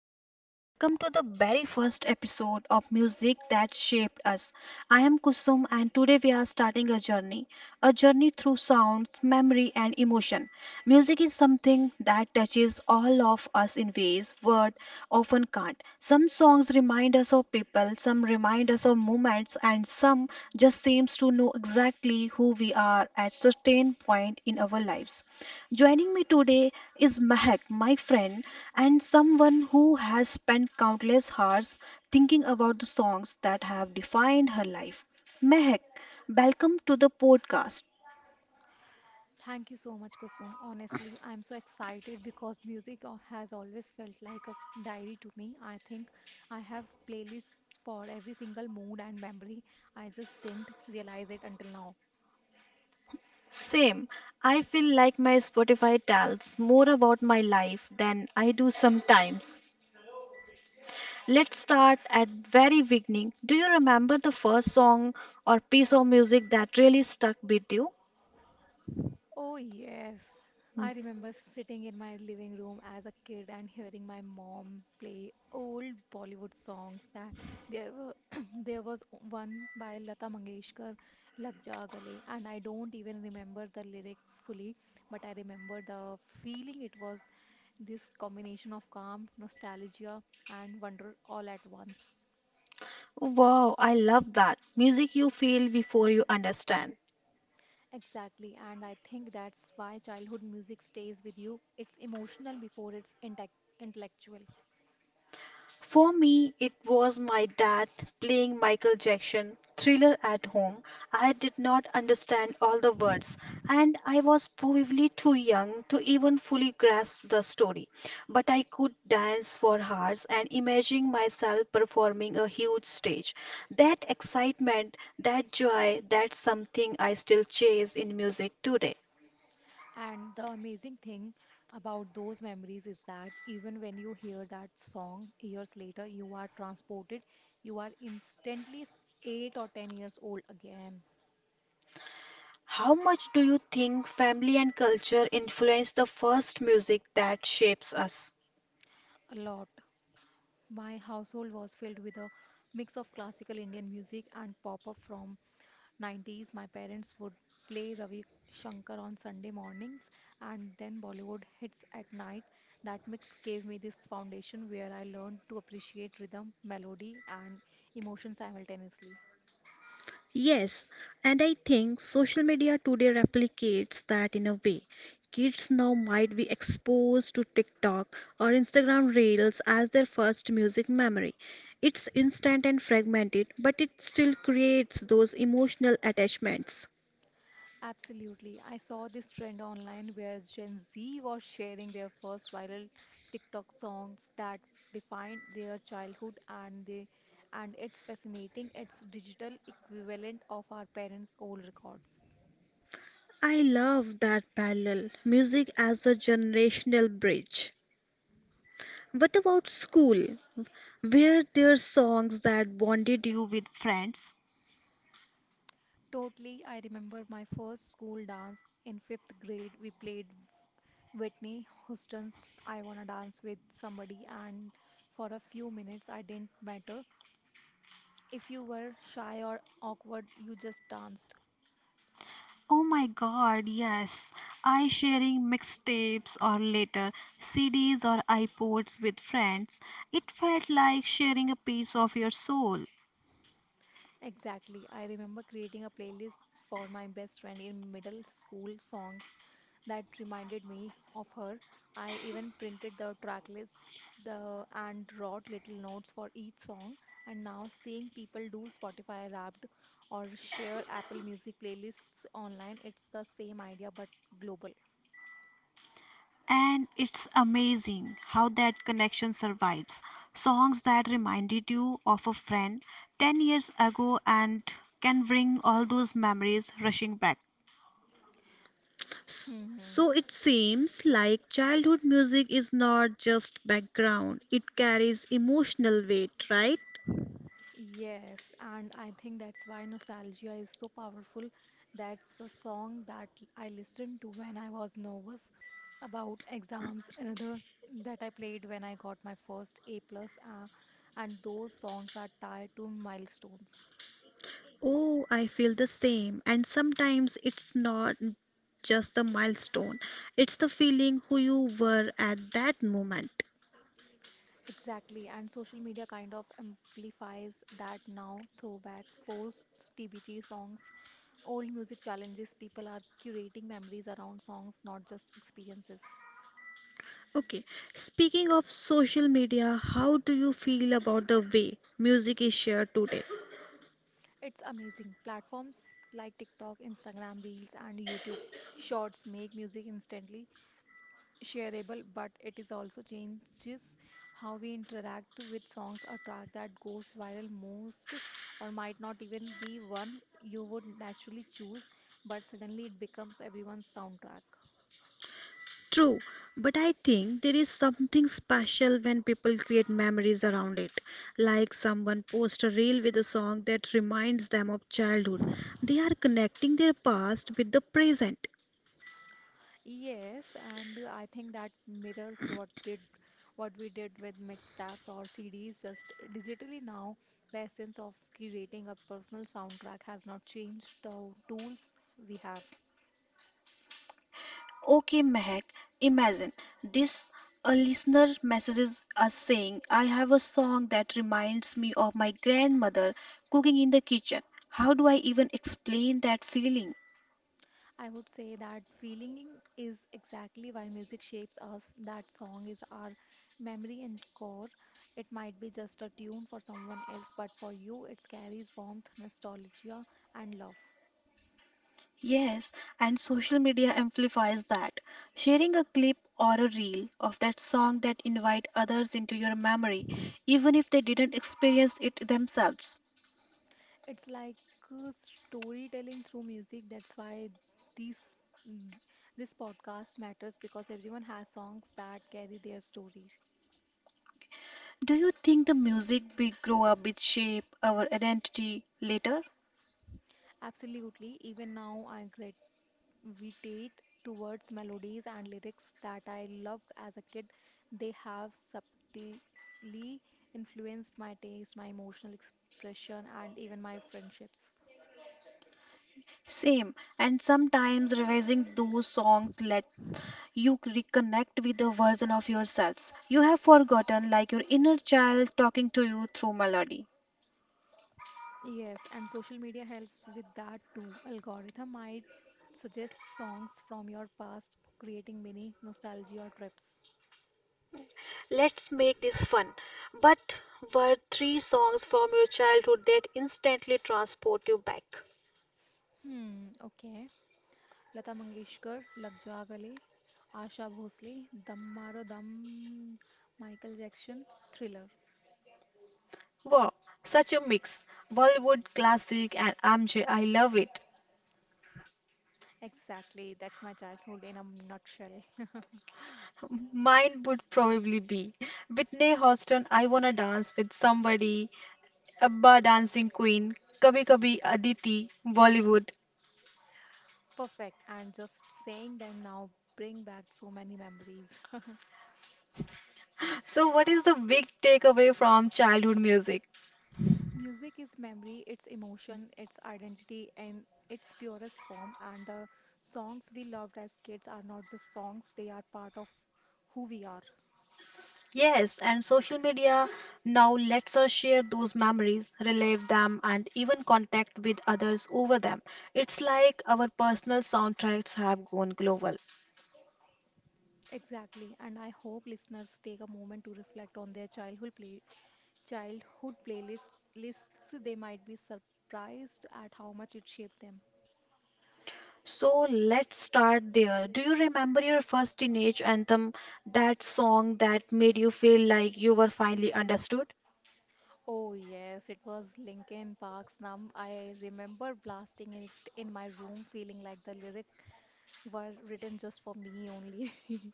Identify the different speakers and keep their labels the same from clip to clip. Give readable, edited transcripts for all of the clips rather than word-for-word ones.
Speaker 1: everyone, welcome to the very first episode of Music That Shaped Us. I am Kusum and today we are starting a journey through sounds, memory and emotion. Music is something that touches all of us in ways words often can't. Some songs remind us of people, some remind us of moments and some just seems to know exactly who we are at certain point in our lives. Joining me today is Mahak, my friend, and someone who has spent countless hours thinking about the songs that have defined her life. Mahak, welcome to the podcast.
Speaker 2: Thank you so much, Kusum. Honestly, I'm so excited because has always felt like a diary to me. I think I have playlists for every single mood and memory. I just didn't realize it until now.
Speaker 1: Same, I feel like my Spotify tells more about my life than I do sometimes. Let's start at very beginning. Do you remember the first song or piece of music that really stuck with you?
Speaker 2: Oh, yes. I remember sitting in my living room as a kid and hearing my mom play old Bollywood songs that there were there was one by Lata Mangeshkar, Lag Ja Gale, and I don't even remember the lyrics fully, but I remember the feeling. It was this combination of calm, nostalgia, and wonder all at once.
Speaker 1: Wow, I love that. Music you feel before you understand.
Speaker 2: Exactly, and I think that's why childhood music stays with you. It's emotional before it's intellectual.
Speaker 1: For me, it was my dad playing Michael Jackson Thriller at home. I did not understand all the words, and I was probably too young to even fully grasp the story. But I could dance for hours and imagine myself performing a huge stage. That excitement, that joy, that's something I still chase in music today.
Speaker 2: And the amazing thing about those memories is that even when you hear that song years later, you are transported, you are instantly 8 or 10 years old again.
Speaker 1: How much do you think family and culture influence the first music that shapes us?
Speaker 2: A lot. My household was filled with a mix of classical Indian music and pop up from 90s. My parents would play Ravi Shankar on Sunday mornings and then Bollywood hits at night. That mix gave me this foundation where I learned to appreciate rhythm, melody, and emotion simultaneously.
Speaker 1: Yes, and I think social media today replicates that in a way. Kids now might be exposed to TikTok or Instagram Reels as their first music memory. It's instant and fragmented, but it still creates those emotional attachments.
Speaker 2: Absolutely. I saw this trend online where Gen Z was sharing their first viral TikTok songs that defined their childhood and they and it's fascinating. It's digital equivalent of our parents' old records.
Speaker 1: I love that parallel, music as a generational bridge. What about school? Were there songs that bonded you with friends?
Speaker 2: Totally, I remember my first school dance in fifth grade. We played Whitney Houston's I Wanna Dance with Somebody, and for a few minutes, I didn't matter if you were shy or awkward, you just danced.
Speaker 1: Oh my God, yes. I sharing mixtapes or later CDs or iPods with friends. It felt like sharing a piece of your soul.
Speaker 2: Exactly. I remember creating a playlist for my best friend in middle school, songs that reminded me of her. I even printed the track lists the and wrote little notes for each song. And now seeing people do Spotify Wrapped or share Apple Music playlists online, it's the same idea but global.
Speaker 1: And it's amazing how that connection survives. Songs that reminded you of a friend 10 years ago and can bring all those memories rushing back. S- So it seems like childhood music is not just background, it carries emotional weight, right?
Speaker 2: Yes, and I think that's why nostalgia is so powerful. That's a song that I listened to when I was nervous about exams. Another that I played when I got my first A plus, and those songs are tied to milestones.
Speaker 1: Oh, I feel the same. And sometimes it's not just the milestone, it's the feeling who you were at that moment.
Speaker 2: Exactly, and social media kind of amplifies that now. Throwback posts, TBT songs, old music challenges. People are curating memories around songs, not just experiences.
Speaker 1: Okay, speaking of social media, how do you feel about the way music is shared today?
Speaker 2: It's amazing. Platforms like TikTok, Instagram Reels, and YouTube Shorts make music instantly shareable, but it is also changes how we interact with songs. A track that goes viral most, or might not even be one you would naturally choose, but suddenly it becomes everyone's soundtrack.
Speaker 1: True, but I think there is something special when people create memories around it. Like someone posts a reel with a song that reminds them of childhood. They are connecting their past with the present.
Speaker 2: Yes, and I think that mirrors what did what we did with mixtapes or CDs, just digitally now. The essence of curating a personal soundtrack has not changed the tools we have.
Speaker 1: Okay, Mehak, imagine this. A listener messages us saying, I have a song that reminds me of my grandmother cooking in the kitchen. How do I even explain that feeling?
Speaker 2: I would say that feeling is exactly why music shapes us. That song is our memory and core. It might be just a tune for someone else, but for you, it carries warmth, nostalgia, and love.
Speaker 1: Yes, and social media amplifies that. Sharing a clip or a reel of that song that invite others into your memory, even if they didn't experience it themselves.
Speaker 2: It's like storytelling through music. That's why this mm, this podcast matters because everyone has songs that carry their stories.
Speaker 1: Do you think the music we grow up with shape our identity later?
Speaker 2: Absolutely. Even now, I gravitate towards melodies and lyrics that I loved as a kid. They have subtly influenced my taste, my emotional expression, and even my friendships.
Speaker 1: Same, and sometimes revising those songs let you reconnect with the version of yourselves you have forgotten, like your inner child talking to you through melody.
Speaker 2: Yes, and social media helps with that too. Algorithm might suggest songs from your past, creating mini nostalgia trips.
Speaker 1: Let's make this fun. But were three songs from your childhood that instantly transport you back?
Speaker 2: Hmm, okay. Lata Mangeshkar, Lag Ja Gale, Asha Bhosle, Dam Maro Dam, Michael Jackson, Thriller.
Speaker 1: Wow, such a mix. Bollywood classic and MJ, I love it.
Speaker 2: Exactly, that's my childhood in a nutshell.
Speaker 1: Mine would probably be Whitney Houston, I Wanna Dance with Somebody, Abba Dancing Queen, Kabhi Kabhi Aditi, Bollywood.
Speaker 2: Perfect. And just saying them now bring back so many memories.
Speaker 1: So, what is the big takeaway from childhood music?
Speaker 2: Music is memory, it's emotion, it's identity and its purest form. And the songs we loved as kids are not just songs, they are part of who we are.
Speaker 1: Yes, and social media now lets us share those memories, relive them, and even contact with others over them. It's like our personal soundtracks have gone global.
Speaker 2: Exactly. And I hope listeners take a moment to reflect on their childhood playlists lists. They might be surprised at how much it shaped them.
Speaker 1: So let's start there. Do you remember your first teenage anthem, that song that made you feel like you were finally understood?
Speaker 2: Oh yes, it was Linkin Park's "Numb." I remember blasting it in my room, feeling like the lyric were written just for me only.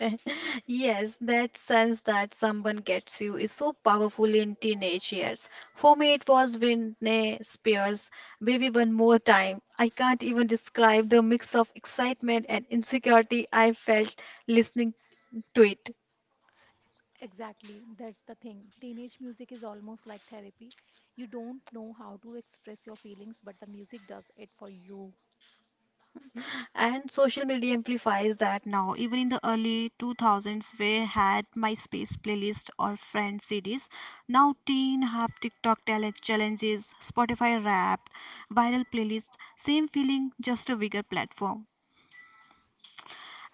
Speaker 1: Yes, that sense that someone gets you is so powerful in teenage years. For me, it was Britney Spears, Baby One More Time. I can't even describe the mix of excitement and insecurity I felt listening to it.
Speaker 2: Exactly, that's the thing. Teenage music is almost like therapy. You don't know how to express your feelings, but the music does it for you.
Speaker 1: And social media amplifies that now. Even in the early 2000s, we had MySpace playlist or friend CDs. Now teen have TikTok talent challenges, Spotify Wrapped, viral playlist. Same feeling, just a bigger platform.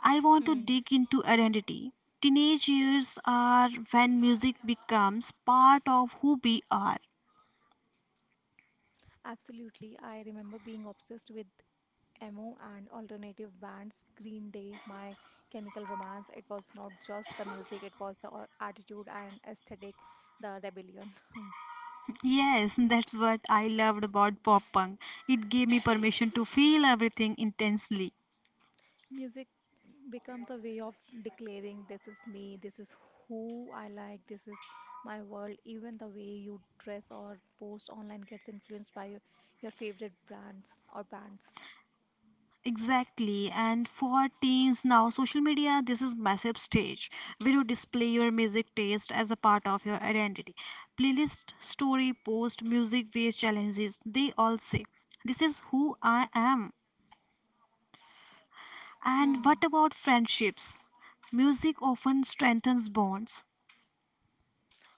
Speaker 1: I want to
Speaker 2: Hmm.
Speaker 1: dig into identity. Teenage years are when music becomes part of who we are.
Speaker 2: Absolutely. I remember being obsessed with emo and alternative bands, Green Day, My Chemical Romance. It was not just the music, it was attitude and aesthetic, the rebellion.
Speaker 1: Yes, that's what I loved about pop punk. It gave me permission to feel everything intensely.
Speaker 2: Music becomes a way of declaring this is me, this is who I like, this is my world. Even the way you dress or post online gets influenced by your favorite brands or bands.
Speaker 1: Exactly. And for teens now, social media, this is massive stage where you display your music taste as a part of your identity. Playlist, story, post, music-based challenges, they all say, this is who I am. And what
Speaker 2: Hmm.
Speaker 1: about friendships? Music often strengthens bonds.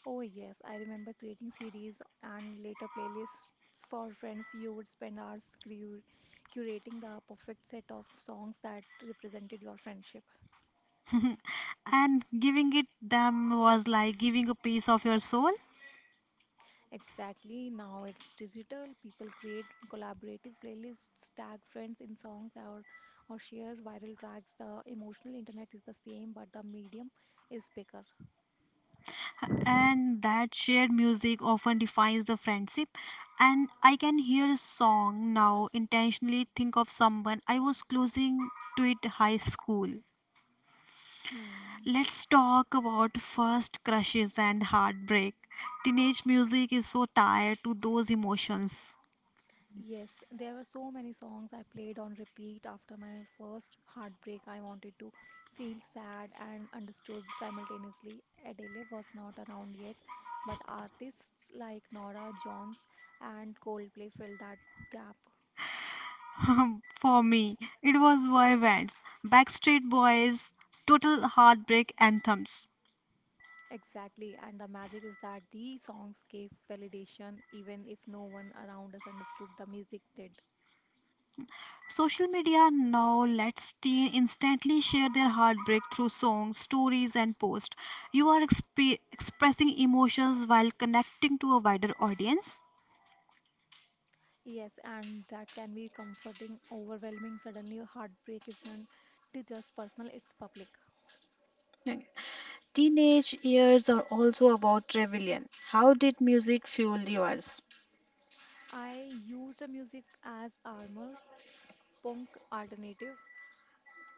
Speaker 2: Oh, yes, I remember creating CDs and later playlists for friends. You would spend hours cru curating the perfect set of songs that represented your friendship.
Speaker 1: And giving it them was like giving a piece of your soul.
Speaker 2: Exactly, now it's digital. People create collaborative playlists, tag friends in songs, or share viral tracks. The emotional internet is the same, but the medium is bigger.
Speaker 1: And that shared music often defines the friendship, and I can hear a song now intentionally think of someone I was closing to it high school.
Speaker 2: Hmm.
Speaker 1: Let's talk about first crushes and heartbreak. Teenage music is so tied to those emotions.
Speaker 2: Yes, there were so many songs I played on repeat after my first heartbreak. I wanted to feel sad and understood simultaneously. Adele was not around yet, but artists like Nora Jones and Coldplay filled that gap.
Speaker 1: For me, it was boy bands, Backstreet Boys, total heartbreak anthems.
Speaker 2: Exactly, and the magic is that these songs gave validation, even if no one around us understood, the music did.
Speaker 1: Social media now lets teens instantly share their heartbreak through songs, stories, and posts. You are expressing emotions while connecting to a wider audience.
Speaker 2: Yes, and that can be comforting, overwhelming. Suddenly, heartbreak isn't it just personal, it's public.
Speaker 1: Okay. Teenage years are also about rebellion. How did music fuel yours?
Speaker 2: I used the music as armor, punk, alternative,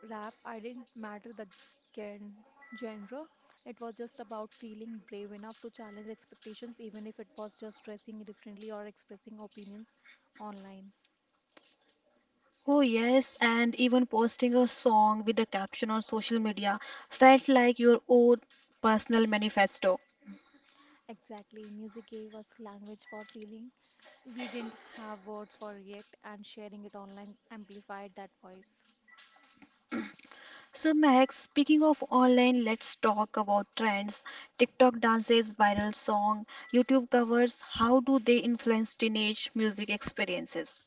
Speaker 2: rap. I didn't matter the gen- genre. It was just about feeling brave enough to challenge expectations, even if it was just dressing differently or expressing opinions online.
Speaker 1: Oh, yes, and even posting a song with a caption on social media felt like your own personal manifesto.
Speaker 2: Exactly. Music gave us language for feeling we didn't have words for yet, and sharing it online amplified that voice.
Speaker 1: So, Max, speaking of online, let's talk about trends. TikTok dances, viral song, YouTube covers, how do they influence teenage music experiences?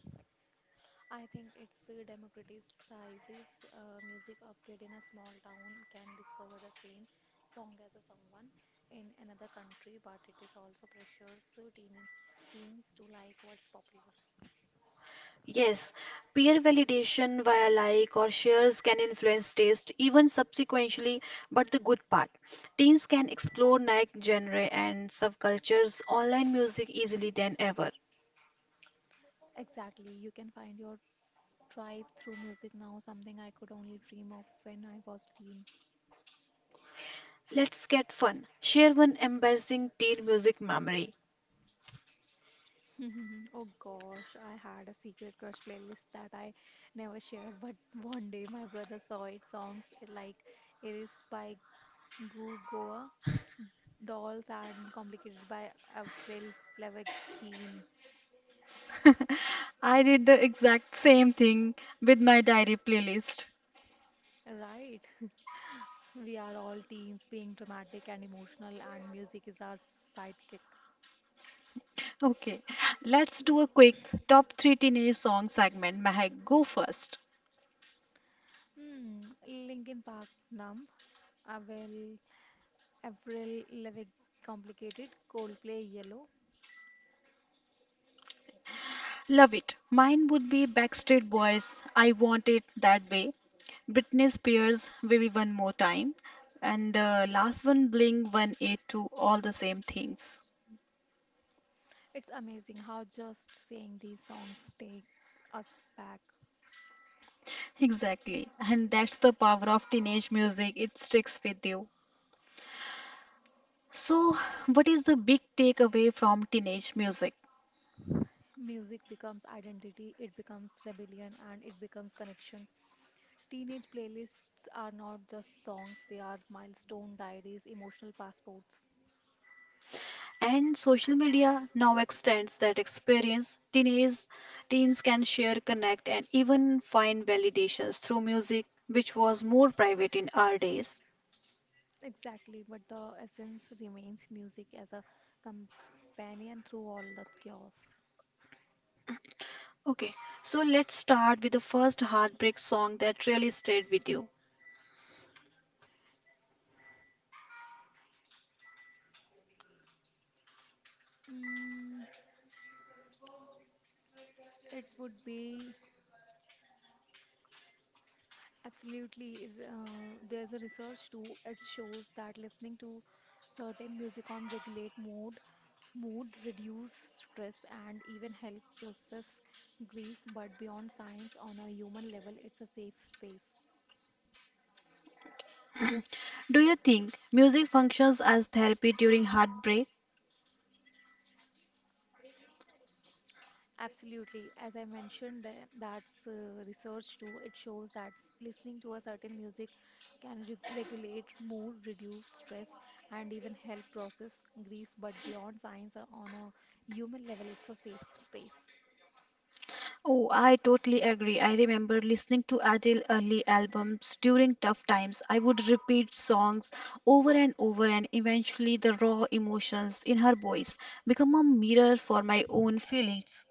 Speaker 2: I think it's democratizes music. A kid in a small town can discover the same song as a someone in another country, but it is also pressures teens to like what's popular.
Speaker 1: Yes, peer validation via like or shares can influence taste even subsequently, but the good part. Teens can explore niche genre and subcultures online music easily than ever.
Speaker 2: Exactly. You can find your tribe through music now, something I could only dream of when I was teen.
Speaker 1: Let's get fun. Share one embarrassing teen music memory.
Speaker 2: Oh gosh, I had a secret crush playlist that I never shared, but one day my brother saw it, songs like Iris by Goo Goa, Dolls and Complicated by Avril Lavigne.
Speaker 1: I did the exact same thing with my diary playlist.
Speaker 2: Right, we are all teens being dramatic and emotional, and music is our sidekick.
Speaker 1: Okay, let's do a quick top three teenage song segment. Mahak, go first.
Speaker 2: Hmm, Linkin Park, Numb, Avril, Avril Lavigne, Complicated, Coldplay, Yellow.
Speaker 1: Love it. Mine would be Backstreet Boys, I Want It That Way. Britney Spears, Baby One More Time. And the last one, Blink 182, All the Same Things.
Speaker 2: It's amazing how just saying these songs takes us back.
Speaker 1: Exactly. And that's the power of teenage music, it sticks with you. So, what is the big takeaway from teenage music?
Speaker 2: Music becomes identity, it becomes rebellion, and it becomes connection. Teenage playlists are not just songs, they are milestone diaries, emotional passports.
Speaker 1: And social media now extends that experience. Teens can share, connect, and even find validations through music, which was more private in our days.
Speaker 2: Exactly, but the essence remains music as a companion through all the chaos.
Speaker 1: Okay, so let's start with the first heartbreak song that really stayed with you.
Speaker 2: Mm, it would be absolutely. There's a research too. It shows that listening to certain music on regulate mood, reduce stress, and even help process grief. But beyond science, on a human level, it's a safe space.
Speaker 1: Do you think music functions as therapy during heartbreak?
Speaker 2: Absolutely. As I mentioned, that's research too. It shows that listening to a certain music can re regulate mood, reduce stress, and even help process grief. But beyond science, on a human level, it's a safe space.
Speaker 1: Oh, I totally agree. I remember listening to Adele early albums during tough times. I would repeat songs over and over, and eventually, the raw emotions in her voice become a mirror for my own feelings.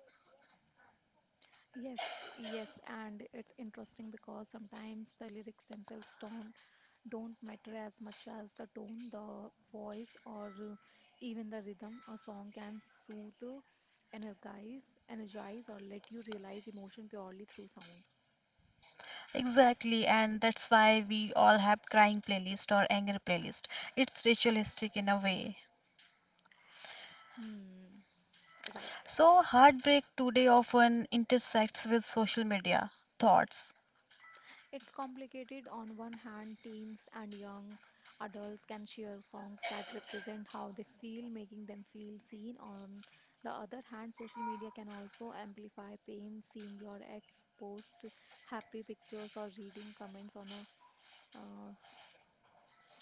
Speaker 2: Yes, yes, and it's interesting because sometimes the lyrics themselves don't matter as much as the tone, the voice, or even the rhythm. A song can soothe, energize, energize, or let you realize emotion purely through sound.
Speaker 1: Exactly, and that's why we all have crying playlist or anger playlist. It's ritualistic in a way.
Speaker 2: Hmm, right.
Speaker 1: So, heartbreak today often intersects with social media thoughts.
Speaker 2: It's complicated. On one hand, teens and young adults can share songs that represent how they feel, making them feel seen. On the other hand, social media can also amplify pain, seeing your ex post happy pictures or reading uh,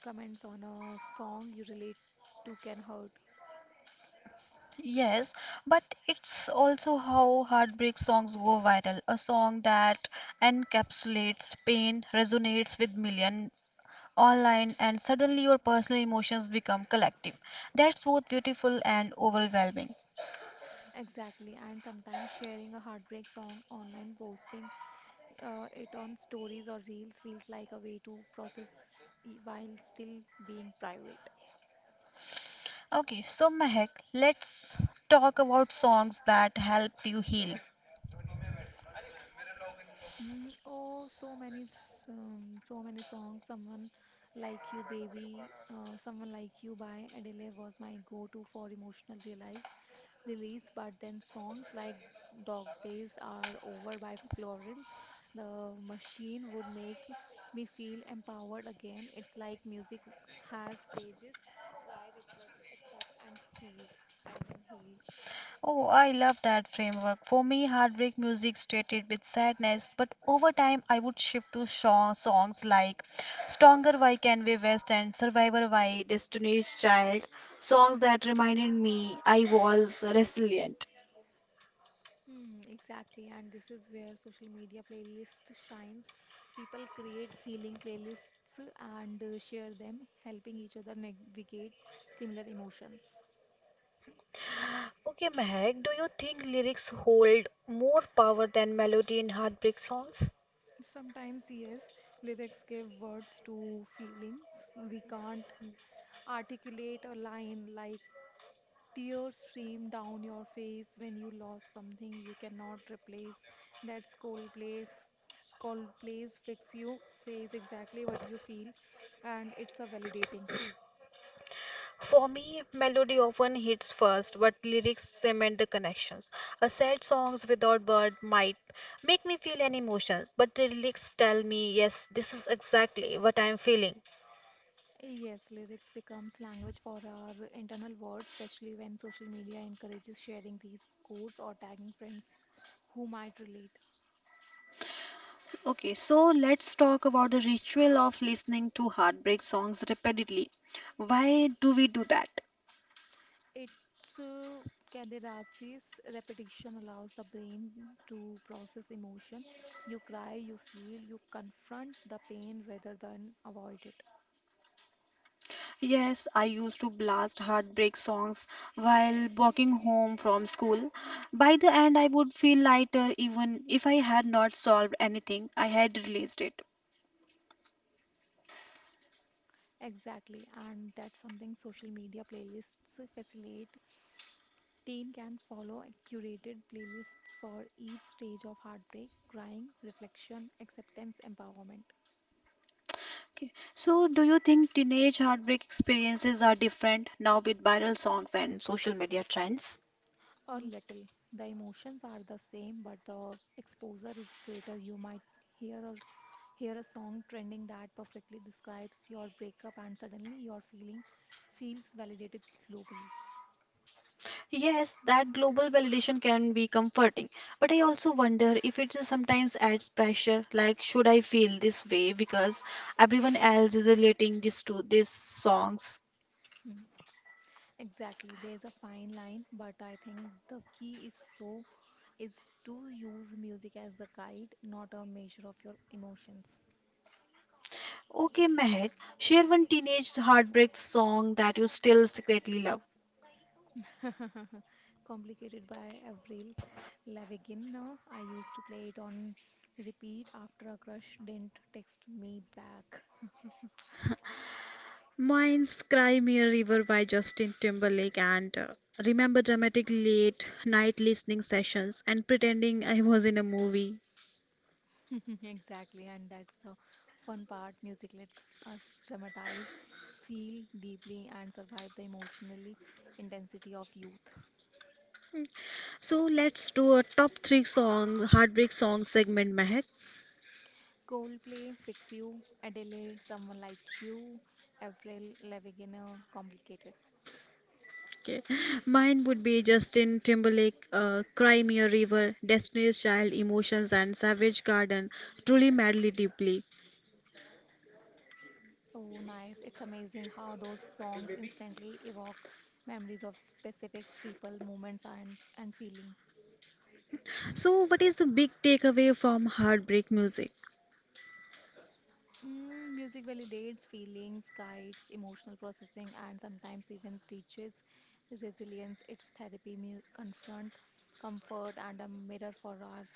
Speaker 2: Comments on a song you relate to can hurt.
Speaker 1: Yes, but it's also how heartbreak songs go viral. A song that encapsulates pain resonates with million online and suddenly your personal emotions become collective. That's both beautiful and overwhelming.
Speaker 2: Exactly, and sometimes sharing a heartbreak song online, posting it on stories or reels feels like a way to process while still being private.
Speaker 1: Okay, so Mehak, let's talk about songs that help you heal.
Speaker 2: Oh, so many songs. Someone Like You by Adele was my go-to for emotional realize release. But then songs like Dog Days Are Over by Florence, The Machine would make me feel empowered again. It's like music has stages, cry, reflect, accept, and then heal.
Speaker 1: Oh, I love that framework. For me, heartbreak music stated with sadness, but over time I would shift to songs like Stronger by Kanye West and Survivor by Destiny's Child, songs that reminded me I was resilient.
Speaker 2: Hmm, exactly, and this is where social media playlist shines. People create healing playlists and share them, helping each other navigate similar emotions.
Speaker 1: Okay, Mehak, do you think lyrics hold more power than melody in heartbreak songs?
Speaker 2: Sometimes, yes, lyrics give words to feelings. We can't articulate a line like tears stream down your face when you lost something you cannot replace. That's Coldplay. Coldplay's Fix You says exactly what you feel, and it's a validating.
Speaker 1: For me, melody often hits first, but lyrics cement the connections. A sad songs without word might make me feel any emotions, but the lyrics tell me, yes, this is exactly what I am feeling.
Speaker 2: Yes, lyrics becomes language for our internal words, especially when social media encourages sharing these quotes or tagging friends who might relate.
Speaker 1: Okay, so let's talk about the ritual of listening to heartbreak songs repeatedly. Why do we do that?
Speaker 2: It's uh, catharsis. Repetition allows the brain to process emotion. You cry, you feel, you confront the pain rather than avoid it.
Speaker 1: Yes, I used to blast heartbreak songs while walking home from school. By the end, I would feel lighter even if I had not solved anything, I had released it.
Speaker 2: Exactly, and that's something social media playlists facilitate. Teen can follow curated playlists for each stage of heartbreak, crying, reflection, acceptance, empowerment,
Speaker 1: Okay. So, do you think teenage heartbreak experiences are different now with viral songs and social media trends?
Speaker 2: or little. The emotions are the same, but the exposure is greater. You might hear or hear a song trending that perfectly describes your breakup, and suddenly your feeling feels validated globally.
Speaker 1: Yes, that global validation can be comforting, but I also wonder if it is sometimes adds pressure, like should I feel this way because everyone else is relating this to these songs?
Speaker 2: Hmm, Exactly, there is a fine line, but I think the key is to use music as the guide, not a measure of your emotions.
Speaker 1: Okay, Mehak, share one teenage heartbreak song that you still secretly love.
Speaker 2: Complicated by Avril Lavigne. No? I used to play it on repeat after a crush didn't text me back.
Speaker 1: Mine's Cry Me a River by Justin Timberlake and remember dramatic late night listening sessions and pretending I was in a movie.
Speaker 2: Exactly, and that's the fun part. Music lets us dramatize, feel deeply, and survive the emotionally intensity of youth.
Speaker 1: So let's do a top three song, heartbreak song segment, Mehak.
Speaker 2: Coldplay, Fix You, Adele, Someone Like You, Avril Lavigne, Complicated.
Speaker 1: Okay. Mine would be Justin Timberlake, Cry Me a River, Destiny's Child, Emotions, and Savage Garden, Truly Madly Deeply.
Speaker 2: Oh, nice. It's amazing how those songs instantly evoke memories of specific people, moments, and feeling.
Speaker 1: So, what is the big takeaway from heartbreak music?
Speaker 2: Music validates feelings, guides emotional processing, and sometimes even teaches resilience. It's therapy, confront, comfort, and a mirror for our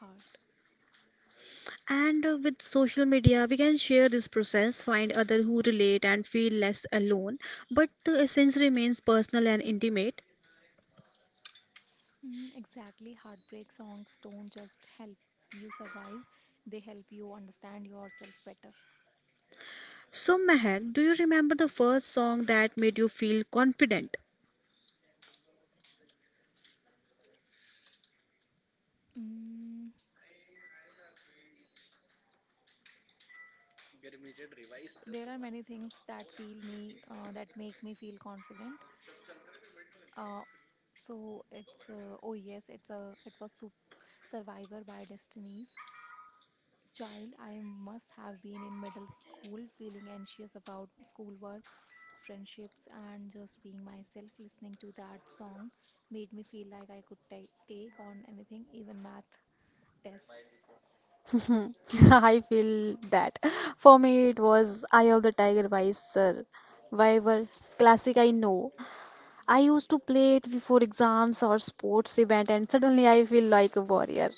Speaker 2: heart.
Speaker 1: And with social media, we can share this process, find others who relate, and feel less alone. But the essence remains personal and intimate.
Speaker 2: Mm, exactly. Heartbreak songs don't just help you survive, they help you understand yourself better.
Speaker 1: So, Mehak, do you remember the first song that made you feel confident?
Speaker 2: Mm, there are many things that feel me that make me feel confident. Uh, so it's Oh yes, it was Survivor by Destinies. Child, I must have been in middle school feeling anxious about schoolwork, friendships, and just being myself. Listening to that song made me feel like I could ta take on anything, even math tests.
Speaker 1: Hmm, I feel that. For me, it was Eye of the Tiger by Sir Viver. Classic, I know. I used to play it before exams or sports event, and suddenly I feel like a warrior.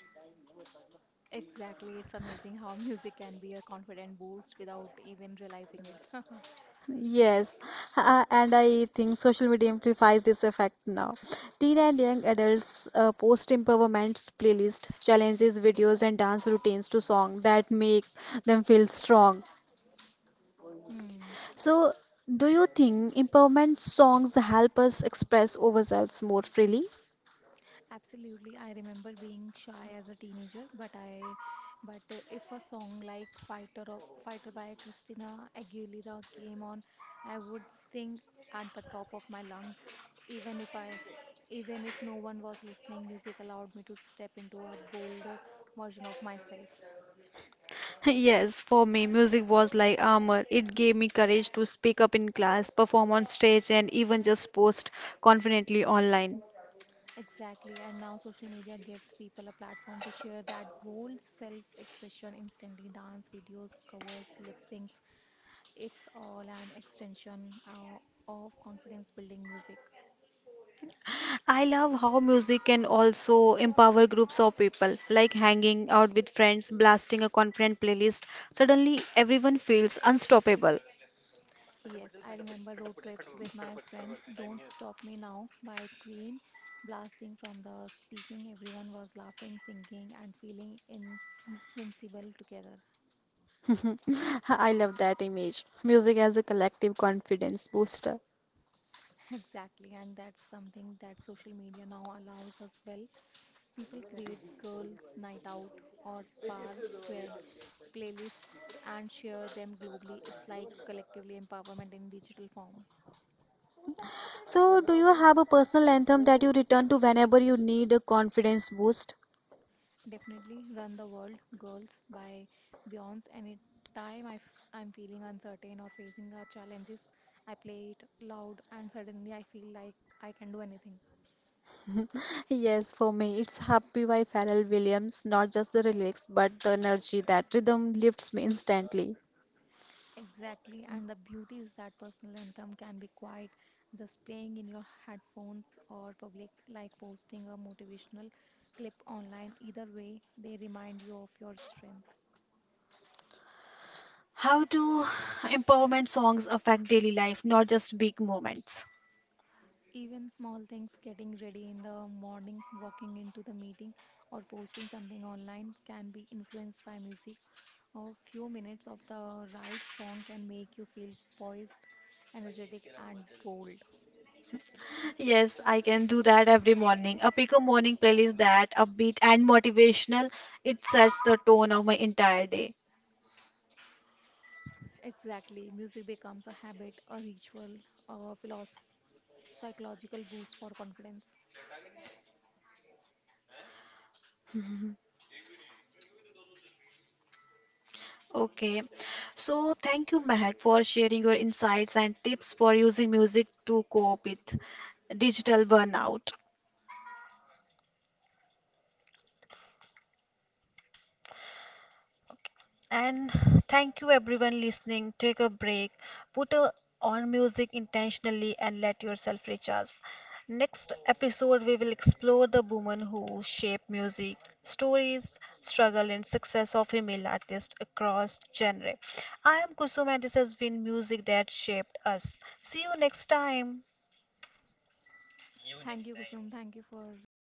Speaker 2: Exactly, it's amazing how music can be a confident boost without even realizing it.
Speaker 1: Yes, and I think social media amplifies this effect now. Teen and young adults post empowerment playlist, challenges, videos, and dance routines to song that make them feel strong.
Speaker 2: Hmm.
Speaker 1: So, do you think empowerment songs help us express ourselves more freely?
Speaker 2: Absolutely. I remember being shy as a teenager, but I but if a song like Fighter by Christina Aguilera came on, I would sing at the top of my lungs even if I even if no one was listening. Music allowed me to step into a bolder version of myself.
Speaker 1: Yes, for me, music was like armor. It gave me courage to speak up in class, perform on stage, and even just post confidently online.
Speaker 2: Exactly. And now social media gives people a platform to share that bold self-expression instantly. Dance videos, covers, lip syncs. It's all an extension of confidence building music.
Speaker 1: I love how music can also empower groups of people, like hanging out with friends, blasting a confident playlist. Suddenly, everyone feels unstoppable.
Speaker 2: Yes, I remember road trips with my friends. Don't Stop Me Now by Queen blasting from the speaking. Everyone was laughing, singing, and feeling invincible together.
Speaker 1: I love that image. Music as a collective confidence booster.
Speaker 2: Exactly, and that's something that social media now allows us well. People creates girls' night out or par squared playlists and share them globally. It's like collectively empowerment in digital form.
Speaker 1: So, do you have a personal anthem that you return to whenever you need a confidence boost?
Speaker 2: Definitely Run the World Girls by Beyonce. Any time I'm feeling uncertain or facing challenges, I play it loud and suddenly I feel like I can do anything.
Speaker 1: Yes, for me, it's Happy by Pharrell Williams, not just the lyrics, but the energy that rhythm lifts me instantly.
Speaker 2: Exactly, and the beauty is that personal anthem can be quiet, just playing in your headphones or public, like posting a motivational clip online. Either way, they remind you of your strength.
Speaker 1: How do empowerment songs affect daily life, not just big moments?
Speaker 2: Even small things, getting ready in the morning, walking into the meeting, or posting something online can be influenced by music. A few minutes of the right song can make you feel poised, energetic, and bold.
Speaker 1: Yes, I can do that every morning. A pick a morning playlist that upbeat and motivational. It sets the tone of my entire day.
Speaker 2: Exactly. Music becomes a habit, a ritual, a philosoph- psychological boost for confidence.
Speaker 1: Okay, so thank you, Mehak, for sharing your insights and tips for using music to cope with digital burnout. Okay. And thank you, everyone listening. Take a break, put a, on music intentionally, and let yourself recharge. Next episode, we will explore the women who shape music, stories, struggle, and success of female artists across genre. I am Kusum, and this has been music that shaped us. See you next time.
Speaker 2: Thank you, Kusum. Thank you for